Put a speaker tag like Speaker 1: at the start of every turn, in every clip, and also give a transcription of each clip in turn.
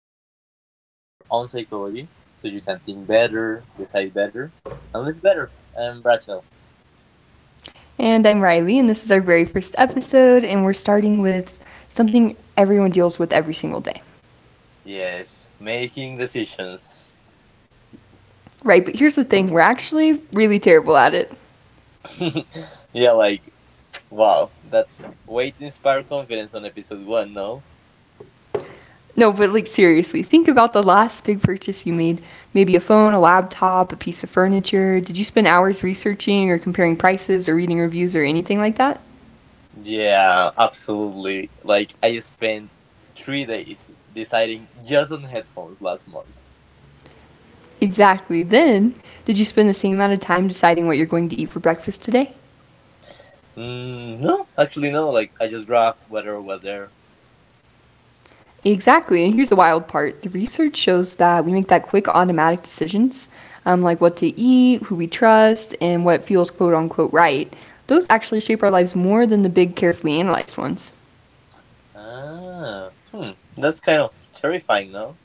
Speaker 1: where we help you understand your own psychology so you can think better, decide better, and live better. I'm Brachel.
Speaker 2: And I'm Riley, and this is our very first episode, and we're starting with something everyone deals with every single day.
Speaker 1: Yes, making decisions.
Speaker 2: Right, but here's the thing, we're actually really terrible at it.
Speaker 1: Yeah, like, wow, that's way to inspire confidence on episode one, no?
Speaker 2: No, but like seriously, think about the last big purchase you made, maybe a phone, a laptop, a piece of furniture. Did you spend hours researching or comparing prices or reading reviews or anything like that?
Speaker 1: Yeah, absolutely. Like, I spent 3 days deciding just on headphones last month.
Speaker 2: Exactly. Then, did you spend the same amount of time deciding what you're going to eat for breakfast today?
Speaker 1: Mm, no, actually, no. Like, I just grabbed whatever was there.
Speaker 2: Exactly. And here's the wild part, the research shows that we make that quick automatic decisions, like what to eat, who we trust, and what feels quote unquote right. Those actually shape our lives more than the big, carefully analyzed ones.
Speaker 1: Ah, hmm. That's kind of terrifying, no?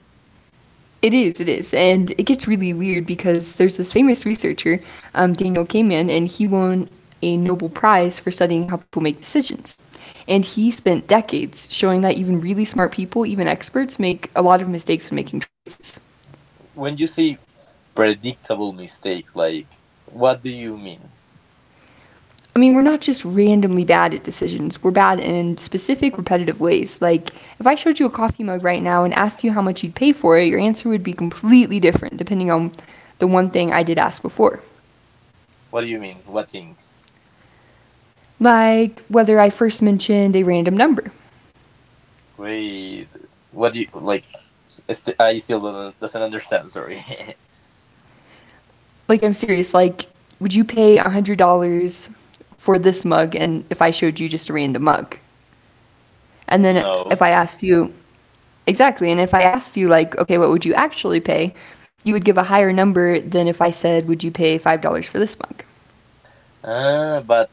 Speaker 2: It is, it is. And it gets really weird because there's this famous researcher, Daniel Kahneman, and he won a Nobel Prize for studying how people make decisions. And he spent decades showing that even really smart people, even experts, make a lot of mistakes when making choices.
Speaker 1: When you say predictable mistakes, like, what do you mean?
Speaker 2: I mean, we're not just randomly bad at decisions. We're bad in specific, repetitive ways. Like, if I showed you a coffee mug right now and asked you how much you'd pay for it, your answer would be completely different depending on the one thing I did ask before.
Speaker 1: What do you mean? What thing?
Speaker 2: Like, whether I first mentioned a random number.
Speaker 1: Wait, what do you, like, I still doesn't understand, sorry.
Speaker 2: Like, I'm serious. Like, would you pay $100 for this mug and if I showed you just a random mug? And then if
Speaker 1: No.
Speaker 2: I asked you, exactly, and if I asked you, like, okay, what would you actually pay? You would give a higher number than if I said, would you pay $5 for this mug?
Speaker 1: Ah, but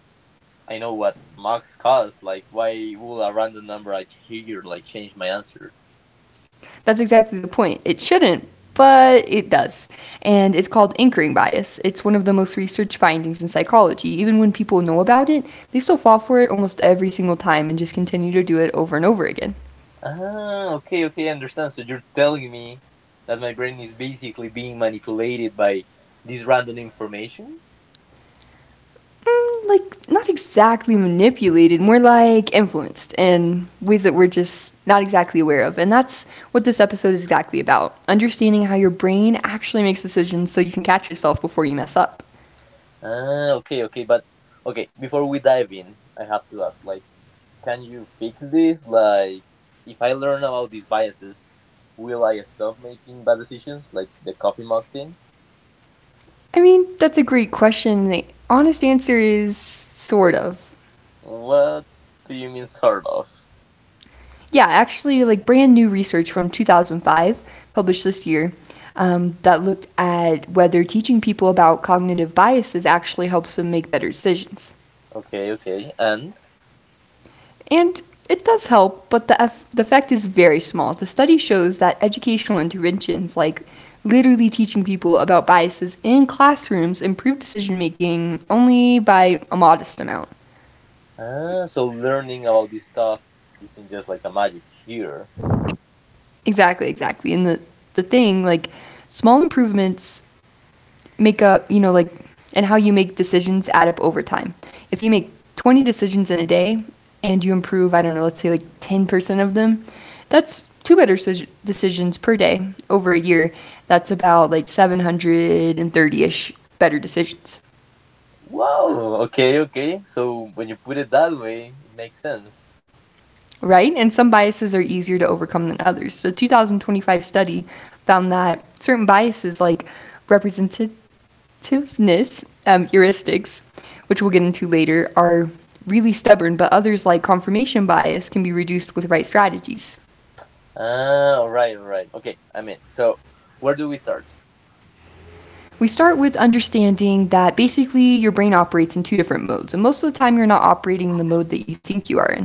Speaker 1: I know what max cost, like, why will a random number I hear, like, change my answer?
Speaker 2: That's exactly the point. It shouldn't, but it does. And it's called anchoring bias. It's one of the most researched findings in psychology. Even when people know about it, they still fall for it almost every single time and just continue to do it over and over again.
Speaker 1: Ah, okay, okay, I understand. So you're telling me that my brain is basically being manipulated by this random information?
Speaker 2: Mm, like not exactly manipulated, more like influenced in ways that we're just not exactly aware of. And that's what this episode is exactly about, understanding how your brain actually makes decisions so you can catch yourself before you mess up.
Speaker 1: Ah, okay, okay, but okay, before we dive in, I have to ask, like, can you fix this? Like, if I learn about these biases, will I stop making bad decisions, like the coffee mug thing?
Speaker 2: I mean, that's a great question. The honest answer is sort of.
Speaker 1: What do you mean, sort of?
Speaker 2: Yeah, actually, like brand new research from 2005, published this year, that looked at whether teaching people about cognitive biases actually helps them make better decisions.
Speaker 1: Okay, okay, and?
Speaker 2: And it does help, but the effect is very small. The study shows that educational interventions, like literally teaching people about biases in classrooms, improve decision making only by a modest amount.
Speaker 1: Ah, so learning about this stuff isn't just like a magic here.
Speaker 2: Exactly, exactly. And the thing, like, small improvements make up, you know, like, and how you make decisions add up over time. If you make 20 decisions in a day and you improve, I don't know, let's say like 10% of them, that's two better decisions per day over a year. That's about like 730 ish better decisions.
Speaker 1: Wow. Okay. Okay. So when you put it that way, it makes sense.
Speaker 2: Right? And some biases are easier to overcome than others. So, the 2025 study found that certain biases like representativeness heuristics, which we'll get into later, are really stubborn, but others like confirmation bias can be reduced with right strategies.
Speaker 1: Ah. All right. All right. Okay. I'm in. So where do we start?
Speaker 2: We start with understanding that basically your brain operates in two different modes, and most of the time you're not operating in the mode that you think you are in.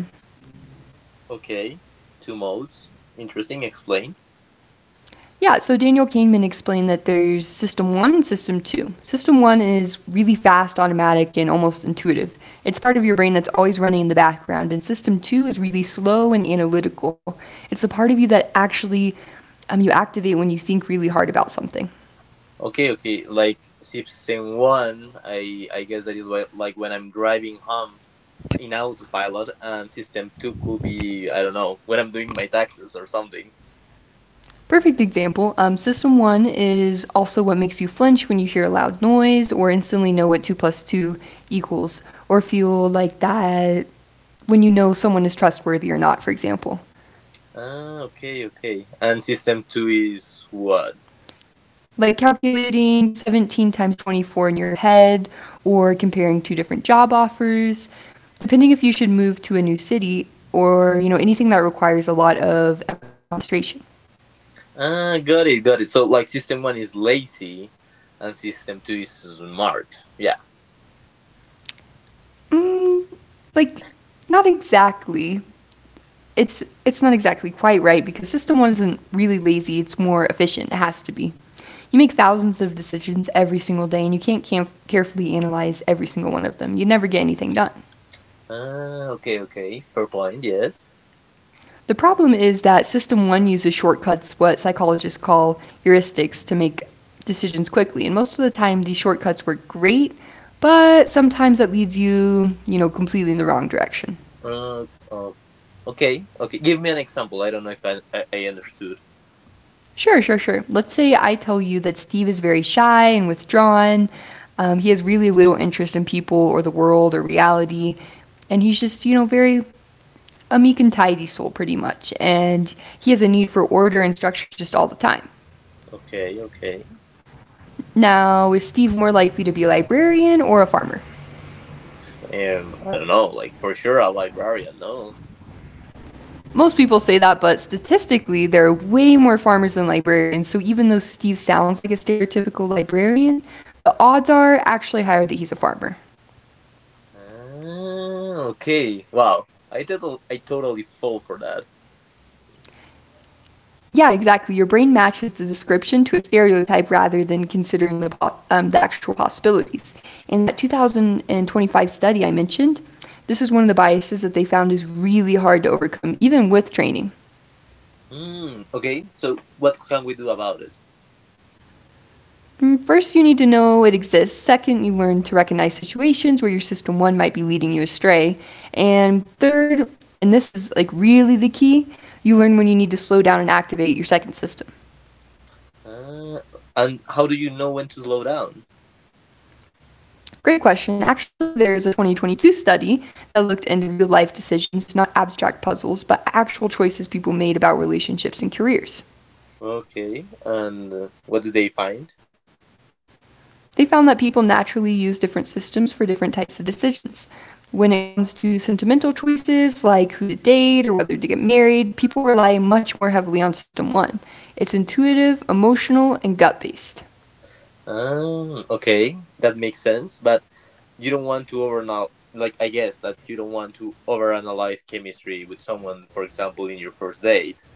Speaker 1: Okay. Two modes. Interesting. Explain.
Speaker 2: Yeah, so Daniel Kahneman explained that there's system one and system two. System one is really fast, automatic, and almost intuitive. It's part of your brain that's always running in the background, and system two is really slow and analytical. It's the part of you that actually you activate when you think really hard about something.
Speaker 1: Okay. Okay. Like system one, I guess that is why, like when I'm driving home in autopilot, and system two could be I don't know when I'm doing my taxes or something.
Speaker 2: Perfect example, system one is also what makes you flinch when you hear a loud noise, or instantly know what two plus two equals, or feel like that when you know someone is trustworthy or not, for example.
Speaker 1: Ah. Okay. Okay. And system two is what?
Speaker 2: Like calculating 17 times 24 in your head or comparing two different job offers, depending if you should move to a new city or, you know, anything that requires a lot of effort and concentration.
Speaker 1: Ah, got it, got it. So like system one is lazy, and system two is smart. Yeah.
Speaker 2: Mm, like not exactly. It's not exactly quite right because system 1 isn't really lazy, it's more efficient, it has to be. You make thousands of decisions every single day and you can't can- carefully analyze every single one of them. You'd never get anything done.
Speaker 1: Ah, okay, okay. Fair point. Yes.
Speaker 2: The problem is that System 1 uses shortcuts, what psychologists call heuristics, to make decisions quickly. And most of the time, these shortcuts work great, but sometimes that leads you, you know, completely in the wrong direction.
Speaker 1: Oh, okay, okay. Give me an example. I don't know if I understood.
Speaker 2: Sure, sure, sure. Let's say I tell you that Steve is very shy and withdrawn. He has really little interest in people or the world or reality. And he's just, you know, very a meek and tidy soul, pretty much. And he has a need for order and structure just all the time.
Speaker 1: Okay, okay.
Speaker 2: Now, is Steve more likely to be a librarian or a farmer?
Speaker 1: I don't know. Like for sure, a librarian. No.
Speaker 2: Most people say that, but statistically, there are way more farmers than librarians, so even though Steve sounds like a stereotypical librarian, the odds are actually higher that he's a farmer.
Speaker 1: Ah, okay. Wow. I totally fall for that.
Speaker 2: Yeah, exactly. Your brain matches the description to a stereotype rather than considering the actual possibilities. In that 2025 study I mentioned, this is one of the biases that they found is really hard to overcome, even with training.
Speaker 1: Hmm. Okay. So what can we do about it?
Speaker 2: Mm, first, you need to know it exists. Second, you learn to recognize situations where your system one might be leading you astray. And third, and this is like really the key, you learn when you need to slow down and activate your second system.
Speaker 1: Ah, and how do you know when to slow down?
Speaker 2: Great question. Actually, there's a 2022 study that looked into real life decisions, not abstract puzzles, but actual choices people made about relationships and careers.
Speaker 1: Okay, and what do they find?
Speaker 2: They found that people naturally use different systems for different types of decisions. When it comes to sentimental choices like who to date or whether to get married, people rely much more heavily on System 1. It's intuitive, emotional, and gut based.
Speaker 1: Okay, that makes sense, but you don't want to overanal like I guess that you don't want to overanalyze chemistry with someone, for example, in your first date.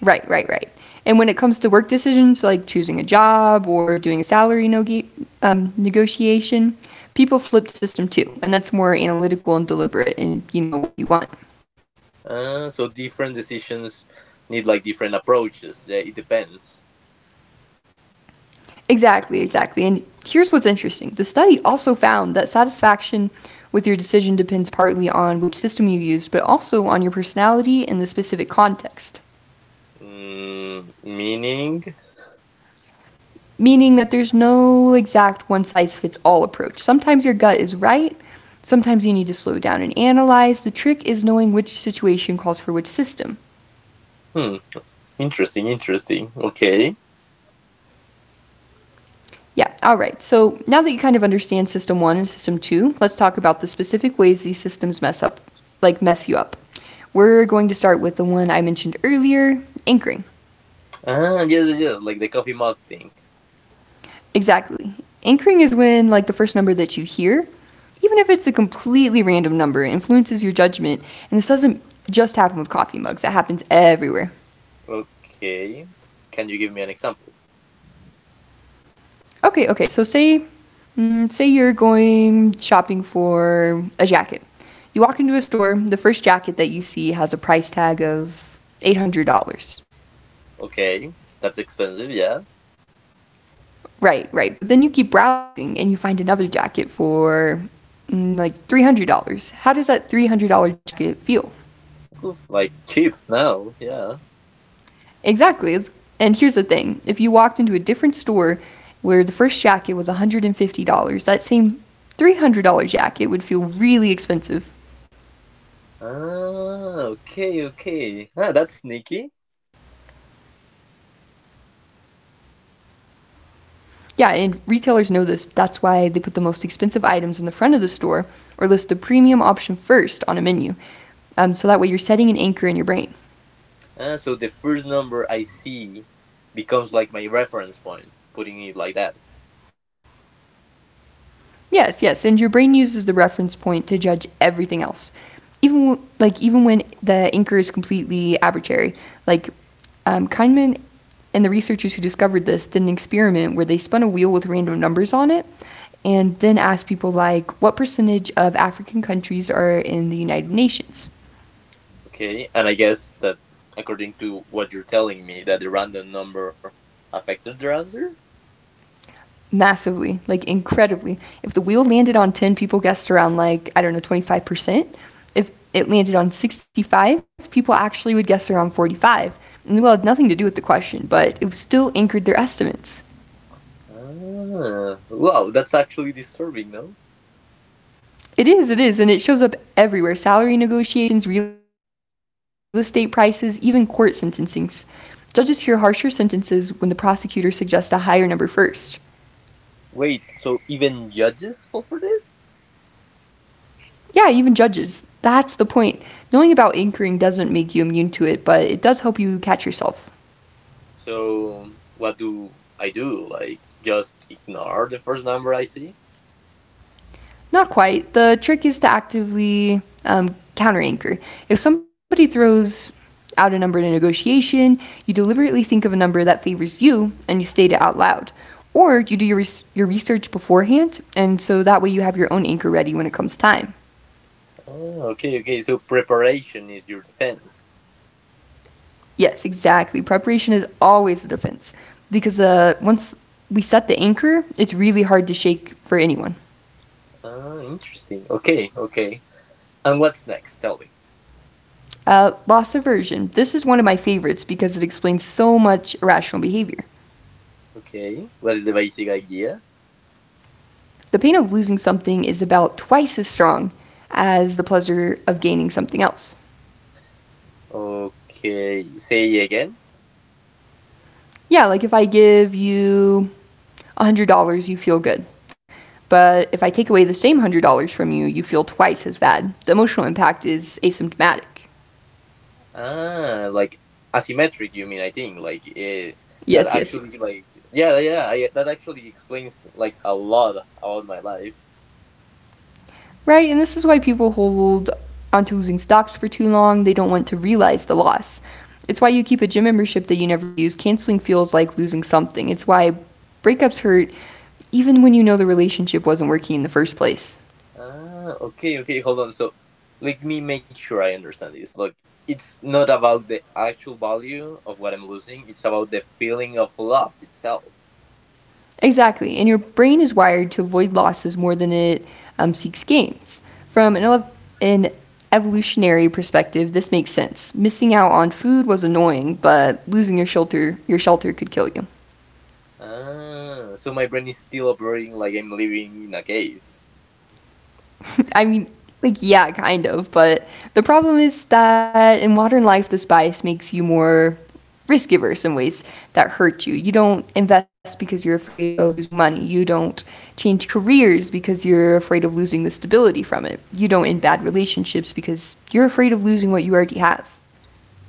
Speaker 2: Right, right, right. And when it comes to work decisions like choosing a job or doing a negotiation, people flip to System 2, and that's more analytical and deliberate and you know what you want.
Speaker 1: So different decisions need like different approaches. It depends.
Speaker 2: Exactly, exactly. And here's what's interesting, the study also found that satisfaction with your decision depends partly on which system you used, but also on your personality and the specific context.
Speaker 1: Meaning?
Speaker 2: Meaning that there's no exact one size fits all approach. Sometimes your gut is right, sometimes you need to slow down and analyze. The trick is knowing which situation calls for which system.
Speaker 1: Hmm. Interesting. Interesting. Okay.
Speaker 2: Yeah, all right. So now that you kind of understand system one and system two, let's talk about the specific ways these systems mess up, like mess you up. We're going to start with the one I mentioned earlier, anchoring.
Speaker 1: Ah, yes, yes, yes. Like the coffee mug thing.
Speaker 2: Exactly. Anchoring is when, like, the first number that you hear, even if it's a completely random number, influences your judgment. And this doesn't just happen with coffee mugs, it happens everywhere.
Speaker 1: Okay. Can you give me an example?
Speaker 2: Okay, okay. So say, mm, say you're going shopping for a jacket. You walk into a store. The first jacket that you see has a price tag of $800.
Speaker 1: Okay, that's expensive. Yeah.
Speaker 2: Right, right. But then you keep browsing and you find another jacket for mm, like $300. How does that $300 jacket feel?
Speaker 1: Like cheap now, yeah.
Speaker 2: Exactly. It's, and here's the thing: if you walked into a different store where the first jacket was $150, that same $300 jacket would feel really expensive.
Speaker 1: Ah, okay, okay. Ah, that's sneaky.
Speaker 2: Yeah, and retailers know this. That's why they put the most expensive items in the front of the store or list the premium option first on a menu. So that way you're setting an anchor in your brain.
Speaker 1: Ah, so the first number I see becomes like my reference point, putting it like that.
Speaker 2: Yes, yes, and your brain uses the reference point to judge everything else. Even like even when the anchor is completely arbitrary, like Kahneman and the researchers who discovered this did an experiment where they spun a wheel with random numbers on it and then asked people like what percentage of African countries are in the United Nations.
Speaker 1: Okay, and I guess that according to what you're telling me, that the random number affected their answer?
Speaker 2: Massively, like incredibly. If the wheel landed on 10, people guessed around like, I don't know, 25%. If it landed on 65, people actually would guess around 45. And the wheel had nothing to do with the question, but it still anchored their estimates.
Speaker 1: Ah, wow, that's actually disturbing, no?
Speaker 2: It is, and it shows up everywhere, salary negotiations, real estate prices, even court sentencings. Judges hear harsher sentences when the prosecutor suggests a higher number first.
Speaker 1: Wait, so even judges fall for this?
Speaker 2: Yeah, even judges. That's the point. Knowing about anchoring doesn't make you immune to it, but it does help you catch yourself.
Speaker 1: So, what do I do? Like, just ignore the first number I see?
Speaker 2: Not quite. The trick is to actively counter anchor. If somebody throws out a number in a negotiation, you deliberately think of a number that favors you and you state it out loud. Or you do your research beforehand, and so that way you have your own anchor ready when it comes time.
Speaker 1: Ah, okay, okay. So preparation is your defense.
Speaker 2: Yes, exactly. Preparation is always the defense because once we set the anchor, it's really hard to shake for anyone.
Speaker 1: Ah, interesting. Okay, okay. And what's next? Tell me.
Speaker 2: Loss aversion. This is one of my favorites because it explains so much irrational behavior.
Speaker 1: Okay, what is the basic idea?
Speaker 2: The pain of losing something is about twice as strong as the pleasure of gaining something else.
Speaker 1: Okay, say again.
Speaker 2: Yeah, like if I give you $100, you feel good. But if I take away the same $100 from you, you feel twice as bad. The emotional impact is asymptomatic.
Speaker 1: Ah, like asymmetric. You mean? I think like that
Speaker 2: Yes, yes,
Speaker 1: actually
Speaker 2: yes.
Speaker 1: like yeah, yeah. That actually explains like a lot about my life.
Speaker 2: Right, and this is why people hold onto losing stocks for too long. They don't want to realize the loss. It's why you keep a gym membership that you never use. Canceling feels like losing something. It's why breakups hurt even when you know the relationship wasn't working in the first place.
Speaker 1: Ah, okay, okay, hold on. So let me make sure I understand this. Look, it's not about the actual value of what I'm losing, it's about the feeling of loss itself.
Speaker 2: Exactly, and your brain is wired to avoid losses more than it seeks gains. From an evolutionary perspective, this makes sense. Missing out on food was annoying, but losing your shelter could kill you.
Speaker 1: Ah, so my brain is still operating like I'm living in a cave.
Speaker 2: I mean, like, yeah, kind of. But the problem is that in modern life, this bias makes you more risk averse in ways that hurt you. You don't invest because you're afraid of losing money. You don't change careers because you're afraid of losing the stability from it. You don't end bad relationships because you're afraid of losing what you already have.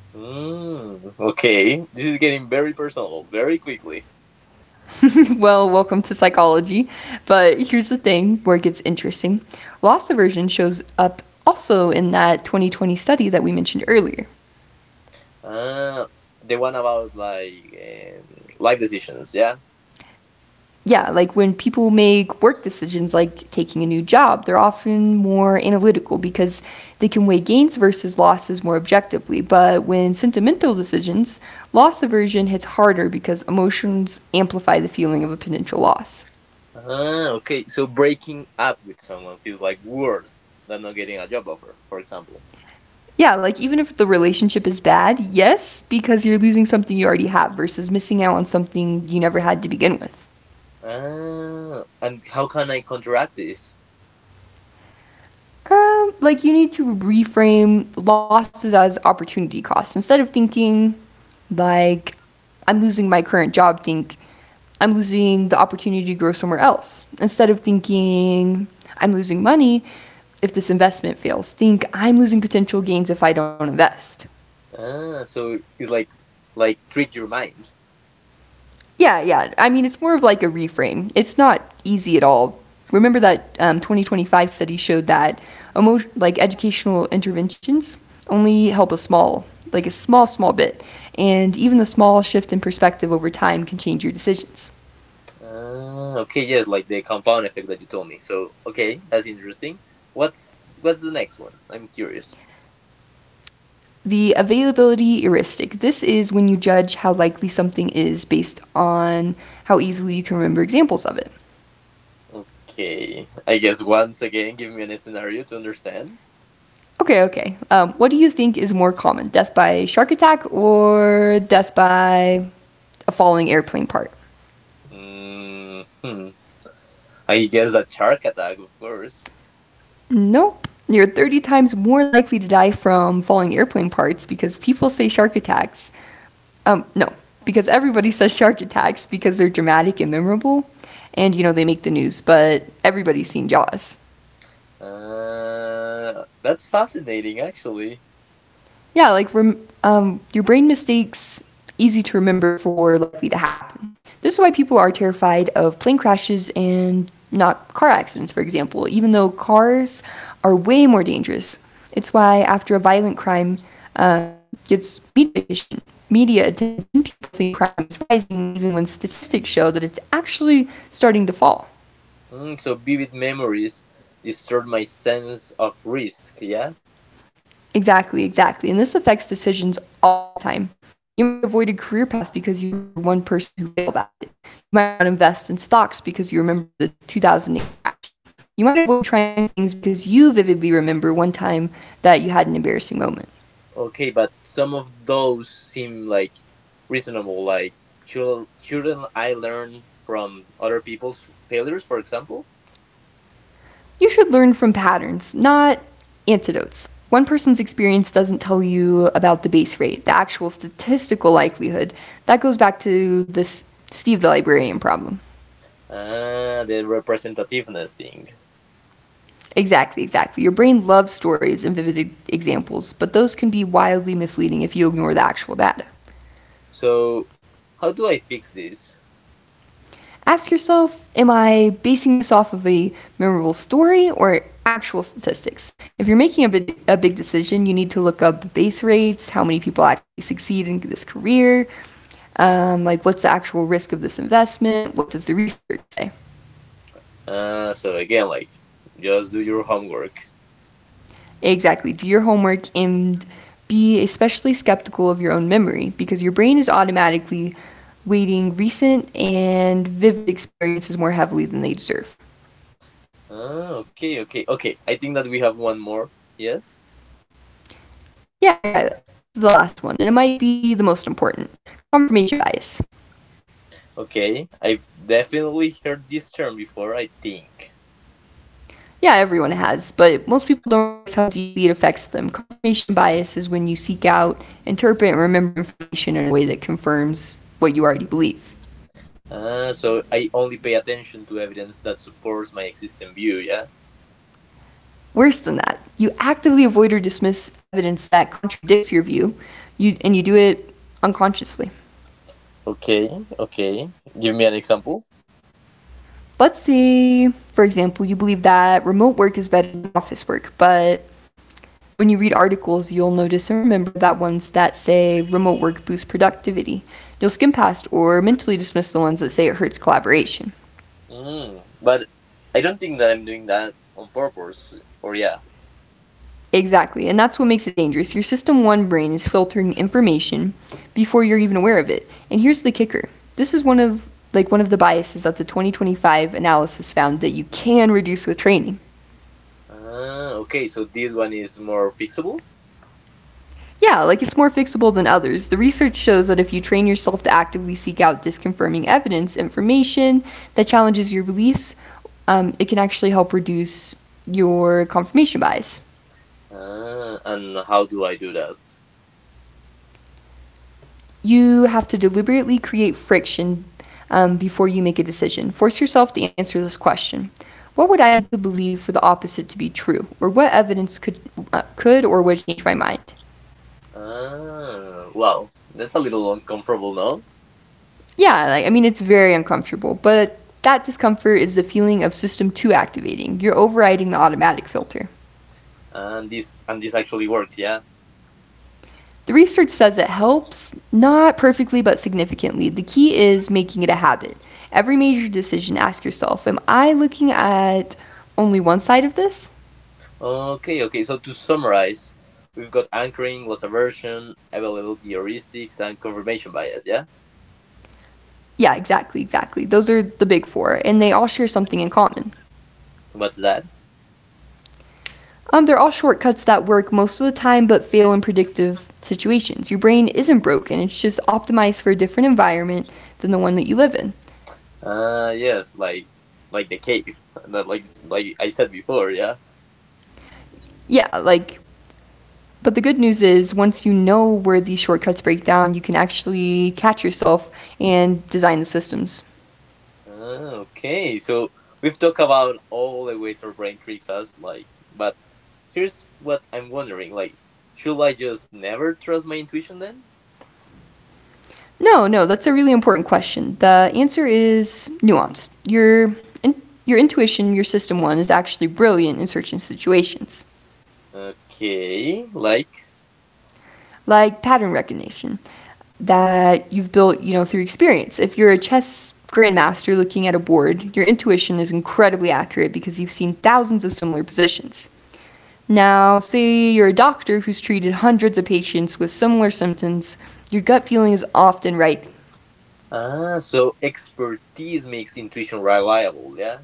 Speaker 1: Okay, this is getting very personal very quickly.
Speaker 2: Well, welcome to psychology. But here's the thing where it gets interesting, loss aversion shows up also in that 2020 study that we mentioned earlier.
Speaker 1: Ah, the one about like life decisions, yeah?
Speaker 2: Yeah, like when people make work decisions like taking a new job, they're often more analytical because they can weigh gains versus losses more objectively. But when sentimental decisions, loss aversion hits harder because emotions amplify the feeling of a potential loss.
Speaker 1: Ah, okay, so breaking up with someone feels like worse than not getting a job offer, for example.
Speaker 2: Yeah, like even if the relationship is bad, yes, because you're losing something you already have versus missing out on something you never had to begin with.
Speaker 1: Ah, and how can I counteract this?
Speaker 2: Like you need to reframe losses as opportunity costs instead of thinking like I'm losing my current job. Think I'm losing the opportunity to grow somewhere else. Instead of thinking I'm losing money if this investment fails, think I'm losing potential gains if I don't invest.
Speaker 1: Ah, so it's like trick your mind.
Speaker 2: Yeah, yeah. I mean, it's more of like a reframe. It's not easy at all. Remember that 2025 study showed that like educational interventions only help a small, like a small, small bit, and even the small shift in perspective over time can change your decisions.
Speaker 1: Ah, okay, yes, like the compound effect that you told me. So okay, that's interesting. What's the next one? I'm curious.
Speaker 2: The availability heuristic. This is when you judge how likely something is based on how easily you can remember examples of it.
Speaker 1: Okay, I guess once again, give me a scenario to understand.
Speaker 2: Okay, okay. What do you think is more common, death by shark attack or death by a falling airplane part?
Speaker 1: Mm, hmm. I guess a shark attack, of course.
Speaker 2: Nope. You're 30 times more likely to die from falling airplane parts because people say shark attacks. No, because everybody says shark attacks because they're dramatic and memorable. And, you know, they make the news, but everybody's seen Jaws.
Speaker 1: That's fascinating, actually.
Speaker 2: Yeah, your brain mistakes easy to remember for likely to happen. This is why people are terrified of plane crashes and not car accidents, for example, even though cars are way more dangerous. It's why after a violent crime gets media attention, people think crime is rising, even when statistics show that it's actually starting to fall.
Speaker 1: So vivid memories distort my sense of risk. Yeah.
Speaker 2: Exactly, exactly. And this affects decisions all the time. You might avoid a career path because you remember one person who failed at it. You might not invest in stocks because you remember the 2008 crash. You might avoid trying new things because you vividly remember one time that you had an embarrassing moment.
Speaker 1: Okay, but some of those seem like reasonable. Like, shouldn't I learn from other people's failures, for example?
Speaker 2: You should learn from patterns, not antidotes. One person's experience doesn't tell you about the base rate, the actual statistical likelihood. That goes back to this Steve the librarian problem.
Speaker 1: Ah, the representativeness thing.
Speaker 2: Exactly, exactly. Your brain loves stories and vivid examples, but those can be wildly misleading if you ignore the actual data.
Speaker 1: So, how do I fix this?
Speaker 2: Ask yourself, am I basing this off of a memorable story or actual statistics? If you're making a big decision, you need to look up base rates, how many people actually succeed in this career, like what's the actual risk of this investment, what does the research say?
Speaker 1: So again, like, just do your homework.
Speaker 2: Exactly. Do your homework and be especially skeptical of your own memory because your brain is automatically weighting recent and vivid experiences more heavily than they deserve.
Speaker 1: Ah, okay, okay, okay. I think that we have one more. Yes.
Speaker 2: Yeah, yeah, this is the last one, and it might be the most important, confirmation bias.
Speaker 1: Okay, I've definitely heard this term before. I think.
Speaker 2: Yeah, everyone has, but most people don't realize how deeply it affects them. Confirmation bias is when you seek out, interpret, and remember information in a way that confirms what you already believe.
Speaker 1: Ah, so I only pay attention to evidence that supports my existing view. Yeah.
Speaker 2: Worse than that, you actively avoid or dismiss evidence that contradicts your view, and you do it unconsciously.
Speaker 1: Okay, okay. Give me an example.
Speaker 2: Let's say, for example, you believe that remote work is better than office work, but when you read articles, you'll notice and remember that ones that say remote work boosts productivity. You'll skim past or mentally dismiss the ones that say it hurts collaboration.
Speaker 1: But I don't think that I'm doing that on purpose. Or yeah.
Speaker 2: Exactly, and that's what makes it dangerous. Your system 1 brain is filtering information before you're even aware of it. And here's the kicker. This is one of the biases that the 2025 analysis found that you can reduce with training.
Speaker 1: Ah, okay. So this one is more fixable.
Speaker 2: Yeah, like it's more fixable than others. The research shows that if you train yourself to actively seek out disconfirming evidence, information that challenges your beliefs, it can actually help reduce your confirmation bias.
Speaker 1: Ah, and how do I do that?
Speaker 2: You have to deliberately create friction before you make a decision. Force yourself to answer this question. What would I need to believe for the opposite to be true? Or what evidence could or would change my mind?
Speaker 1: Ah, wow. That's a little uncomfortable, no?
Speaker 2: Yeah, like I mean it's very uncomfortable, but that discomfort is the feeling of system 2 activating. You're overriding the automatic filter.
Speaker 1: And this actually works, yeah.
Speaker 2: The research says it helps, not perfectly but significantly. The key is making it a habit. Every major decision ask yourself, am I looking at only one side of this?
Speaker 1: Okay, okay. So to summarize, we've got anchoring, loss aversion, availability heuristics, and confirmation bias. Yeah.
Speaker 2: Yeah, exactly, exactly. Those are the big four, and they all share something in common.
Speaker 1: What's that?
Speaker 2: They're all shortcuts that work most of the time but fail in predictive situations. Your brain isn't broken, it's just optimized for a different environment than the one that you live in.
Speaker 1: Ah, yes, like the cave, that like I said before, yeah.
Speaker 2: Yeah, like, but the good news is once you know where these shortcuts break down, you can actually catch yourself and design the systems.
Speaker 1: Ah, okay, so we've talked about all the ways our brain tricks us, like, but here's what I'm wondering, like, should I just never trust my intuition then?
Speaker 2: No, no, that's a really important question. The answer is nuanced. In, your intuition, your system one, is actually brilliant in certain situations,
Speaker 1: Okay, like,
Speaker 2: like pattern recognition that you've built, you know, through experience. If you're a chess grandmaster looking at a board, your intuition is incredibly accurate because you've seen thousands of similar positions. Now, say you're a doctor who's treated hundreds of patients with similar symptoms, your gut feeling is often right.
Speaker 1: so expertise makes intuition reliable, yeah.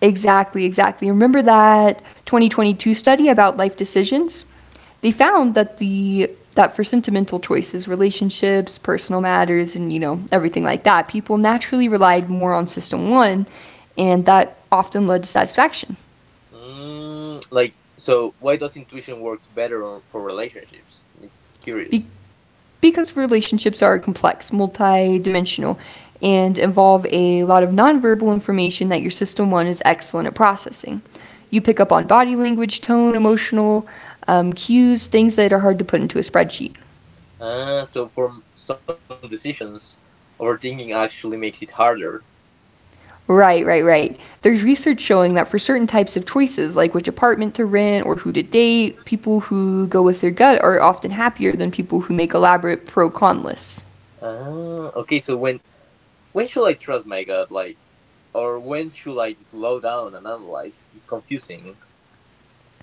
Speaker 2: Exactly, exactly. Remember that 2022 study about life decisions? They found that the that for sentimental choices, relationships, personal matters, and you know everything like that, people naturally relied more on system one, and that often led to satisfaction.
Speaker 1: Like, so why does intuition work better for relationships? It's
Speaker 2: Be-
Speaker 1: curious.
Speaker 2: because relationships are complex, multi-dimensional, and involve a lot of nonverbal information that your system one is excellent at processing. You pick up on body language, tone, emotional cues, things that are hard to put into a spreadsheet.
Speaker 1: Ah, so for some decisions, overthinking actually makes it harder.
Speaker 2: Right, right, right. There's research showing that for certain types of choices, like which apartment to rent or who to date, people who go with their gut are often happier than people who make elaborate pro con lists.
Speaker 1: Ah, okay. So when should I trust my gut, like, or when should I just slow down and analyze? It's confusing.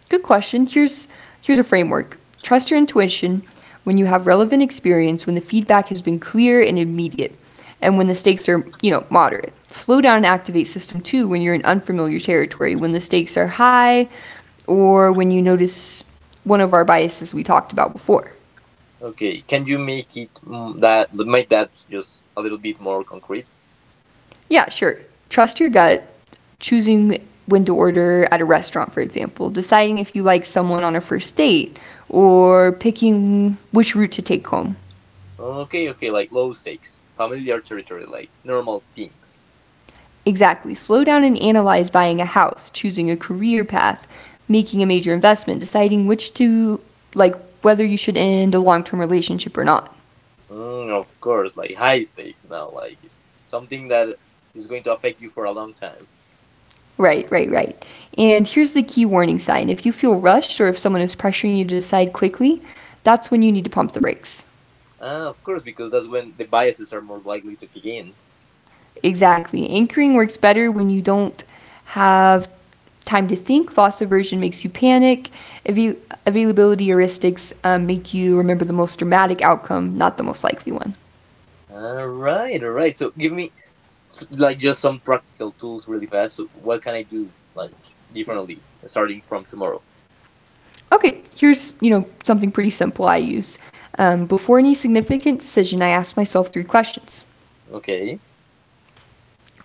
Speaker 2: Good question. Here's a framework. Trust your intuition when you have relevant experience, when the feedback has been clear and immediate, and when the stakes are, you know, moderate. Slow down and activate system 2 when you're in unfamiliar territory, when the stakes are high or when you notice one of our biases we talked about before.
Speaker 1: Okay, can you make that just a little bit more concrete?
Speaker 2: Yeah, sure. Trust your gut, choosing when to order at a restaurant, for example, deciding if you like someone on a first date, or picking which route to take home.
Speaker 1: Okay, okay, like low stakes, familiar territory, like normal things.
Speaker 2: Exactly. Slow down and analyze buying a house, choosing a career path, making a major investment, deciding like, whether you should end a long term relationship or not.
Speaker 1: Of course, like high stakes now, like something that is going to affect you for a long time.
Speaker 2: Right, right, right. And here's the key warning sign: if you feel rushed or if someone is pressuring you to decide quickly, that's when you need to pump the brakes.
Speaker 1: Ah, of course, because that's when the biases are more likely to kick in.
Speaker 2: Exactly. Anchoring works better when you don't have time to think. Loss aversion makes you panic. Avail- Availability heuristics make you remember the most dramatic outcome, not the most likely one.
Speaker 1: All right, all right. So give me like just some practical tools really fast. So what can I do like differently starting from tomorrow?
Speaker 2: Okay, here's something pretty simple I use. Before any significant decision, I ask myself three questions.
Speaker 1: Okay.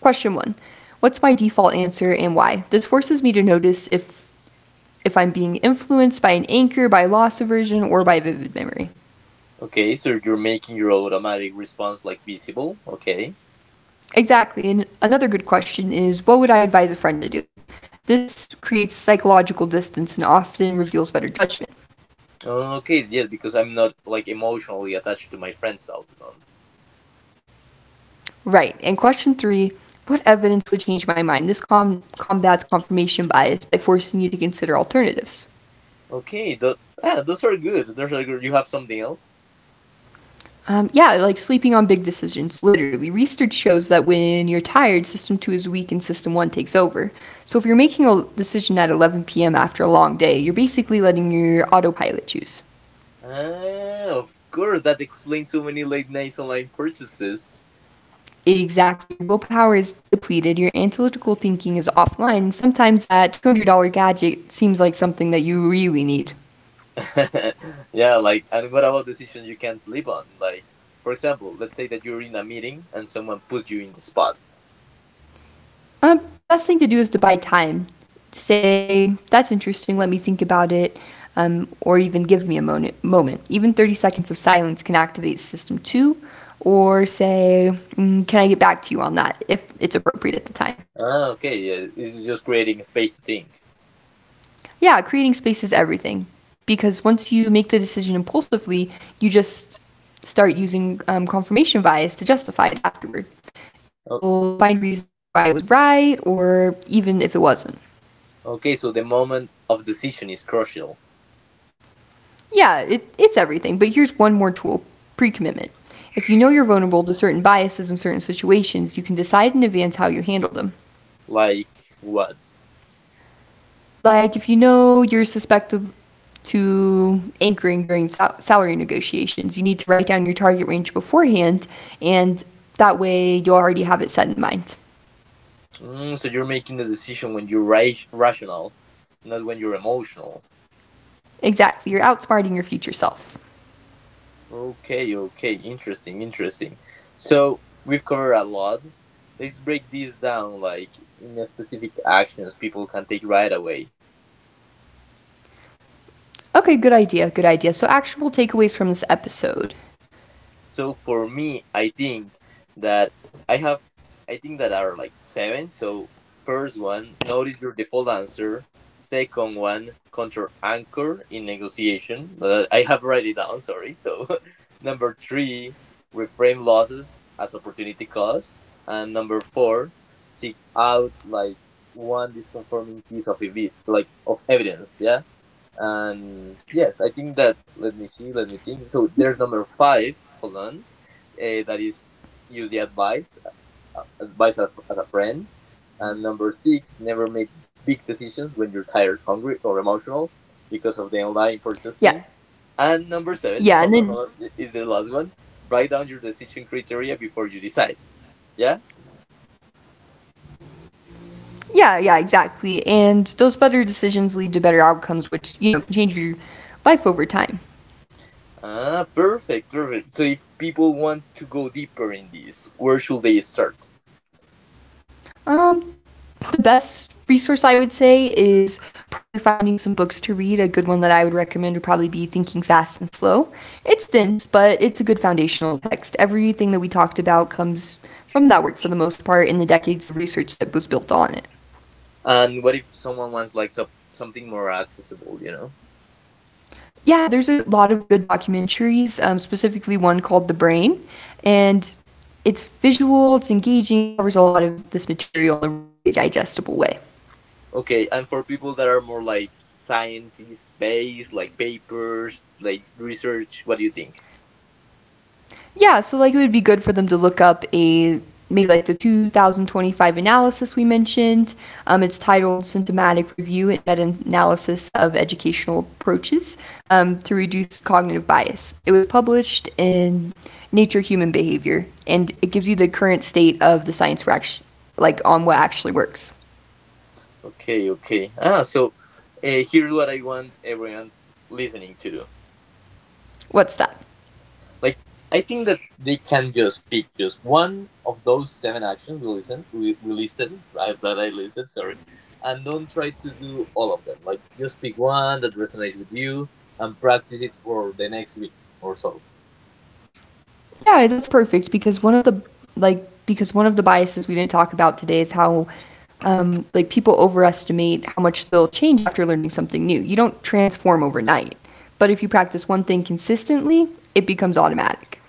Speaker 2: Question one: what's my default answer and why? This forces me to notice if I'm being influenced by an anchor, by loss aversion, or by vivid memory.
Speaker 1: Okay, so you're making your automatic response like visible. Okay.
Speaker 2: Exactly. And another good question is: what would I advise a friend to do? This creates psychological distance and often reveals better judgment.
Speaker 1: Okay, yes, because I'm not like emotionally attached to my friend's outcome.
Speaker 2: Right. And question three: what evidence would change my mind? This combats confirmation bias by forcing you to consider alternatives.
Speaker 1: Okay, those are good. Those are good. You have something else?
Speaker 2: Yeah, like sleeping on big decisions, literally. Research shows that when you're tired, system two is weak and system one takes over. So if you're making a decision at 11 p.m. after a long day, you're basically letting your autopilot choose.
Speaker 1: Ah, of course, that explains so many late nights online purchases.
Speaker 2: Exactly. Your willpower is depleted, your analytical thinking is offline. And sometimes that $200 gadget seems like something that you really need.
Speaker 1: Yeah, like, and what about decisions you can't sleep on? Like, for example, let's say that you're in a meeting and someone puts you in the spot.
Speaker 2: The best thing to do is to buy time. Say, "That's interesting, let me think about it," or even, "Give me a moment." Even 30 seconds of silence can activate system two, or say, "Mm, can I get back to you on that?" if it's appropriate at the time.
Speaker 1: Ah, okay, yeah, this is just creating a space to think.
Speaker 2: Yeah, creating space is everything, because once you make the decision impulsively, you just start using confirmation bias to justify it afterward.
Speaker 1: O-
Speaker 2: You'll find reasons why it was right or even if it wasn't.
Speaker 1: okay, so the moment of decision is crucial.
Speaker 2: Yeah, it's everything. But here's one more tool: pre commitment. If you know you're vulnerable to certain biases in certain situations, you can decide in advance how you handle them.
Speaker 1: Like, what?
Speaker 2: Like if you know you're suspected to anchoring during salary negotiations, you need to write down your target range beforehand, and that way you'll already have it set in mind.
Speaker 1: So you're making the decision when you're rational, not when you're emotional.
Speaker 2: Exactly, you're outsmarting your future self.
Speaker 1: Okay, okay, interesting, interesting. So, we've covered a lot. Let's break this down, like, in a specific actions people can take right away.
Speaker 2: Okay, good idea, good idea. So, actual takeaways from this episode.
Speaker 1: So for me, I think that I have, I think that are like seven. So first one, notice your default answer. Second one, control anchor in negotiation. I have write it down. Sorry. So number three, reframe losses as opportunity cost, and number four, seek out like one disconforming piece of evidence. Yeah and yes, I think that let me see, let me think. So
Speaker 2: Yeah.
Speaker 1: there's number five. Hold on, that is use the advice as a friend. And number six, never make big decisions when you're tired, hungry, or emotional because of the online
Speaker 2: Yeah.
Speaker 1: purchasing. And number seven,
Speaker 2: Yeah, and
Speaker 1: hold on,
Speaker 2: then.
Speaker 1: hold on, is the last one. Write down your decision criteria before you decide. Yeah.
Speaker 2: Yeah, yeah, exactly. And those better decisions lead to better outcomes, which, you know, can change your life over time.
Speaker 1: Ah, perfect, perfect. So if people want to go deeper in this, where should they start?
Speaker 2: Um, the best resource I would say is probably finding some books to read. A good one that I would recommend would probably be Thinking Fast and Slow. It's dense, but it's a good foundational text. Everything that we talked about comes from that work, for the most part, in the decades of research that was built on it.
Speaker 1: And what if someone wants like something more accessible, you know?
Speaker 2: Yeah, there's a lot of good documentaries, specifically one called The Brain. And it's visual, it's engaging, it covers a lot of this material in a really digestible way.
Speaker 1: Okay, and for people that are more like scientist based, like papers, like research, what do you think?
Speaker 2: Yeah, so like it would be good for them to look up a, maybe like the 2025 analysis we mentioned. It's titled Symptomatic Review and Meta Analysis of Educational Approaches to Reduce Cognitive Bias. It was published in Nature Human Behavior, and it gives you the current state of the science we're like on what actually works.
Speaker 1: Okay, okay. Ah, so here's what I want everyone listening to do.
Speaker 2: What's that?
Speaker 1: Like I think that they can just pick just one of those seven actions we listen we listed I, that I listed, sorry, and don't try to do all of them. Like just pick one that resonates with you and practice it for the next week or so.
Speaker 2: Yeah, that's perfect, because one of the, like, because one of the biases we didn't talk about today is how, like, people overestimate how much they'll change after learning something new. You don't transform overnight, but if you practice one thing consistently, it becomes automatic.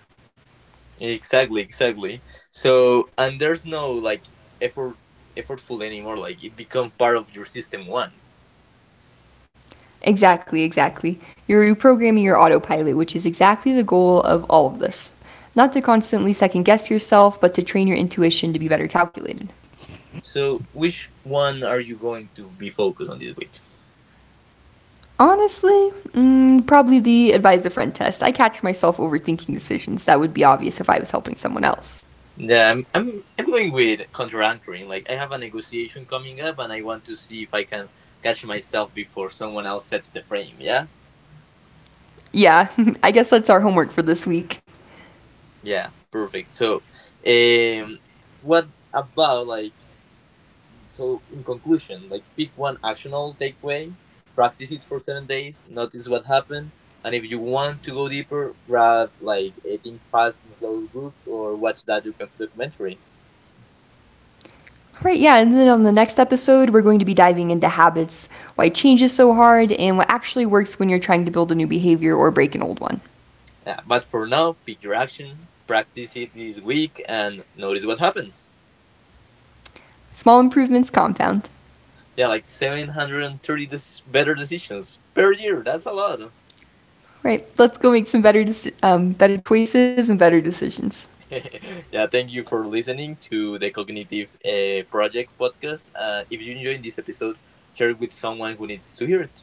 Speaker 1: Exactly, exactly. So and there's no like effort effortful anymore. Like it becomes part of your system one.
Speaker 2: Exactly, exactly. You're reprogramming your autopilot, which is exactly the goal of all of this. Not to constantly second guess yourself, but to train your intuition to be better calculated.
Speaker 1: So which one are you going to be focused on this week?
Speaker 2: Honestly, mm, probably the advise a friend test. I catch myself overthinking decisions that would be obvious if I was helping someone else.
Speaker 1: Yeah, I'm going with contra anchoring. Like I have a negotiation coming up, and I want to see if I can catch myself before someone else sets the frame. Yeah,
Speaker 2: Yeah, I guess that's our homework for this week.
Speaker 1: yeah, perfect. So, um, what about like so? In conclusion, like pick one actionable takeaway, practice it for 7 days, notice what happened, and if you want to go deeper, grab like a Think Fast and Slow book or watch that documentary.
Speaker 2: All right, yeah, and then on the next episode, we're going to be diving into habits, why change is so hard, and what actually works when you're trying to build a new behavior or break an old one.
Speaker 1: Yeah, but for now, pick your action, practice it this week, and notice what happens.
Speaker 2: Small improvements compound.
Speaker 1: Yeah, like 730 better decisions per year. That's a lot.
Speaker 2: All right, let's go make some better, better choices and better decisions.
Speaker 1: Yeah, thank you for listening to the Cognitive Projects podcast. If you enjoyed this episode, share it with someone who needs to hear it.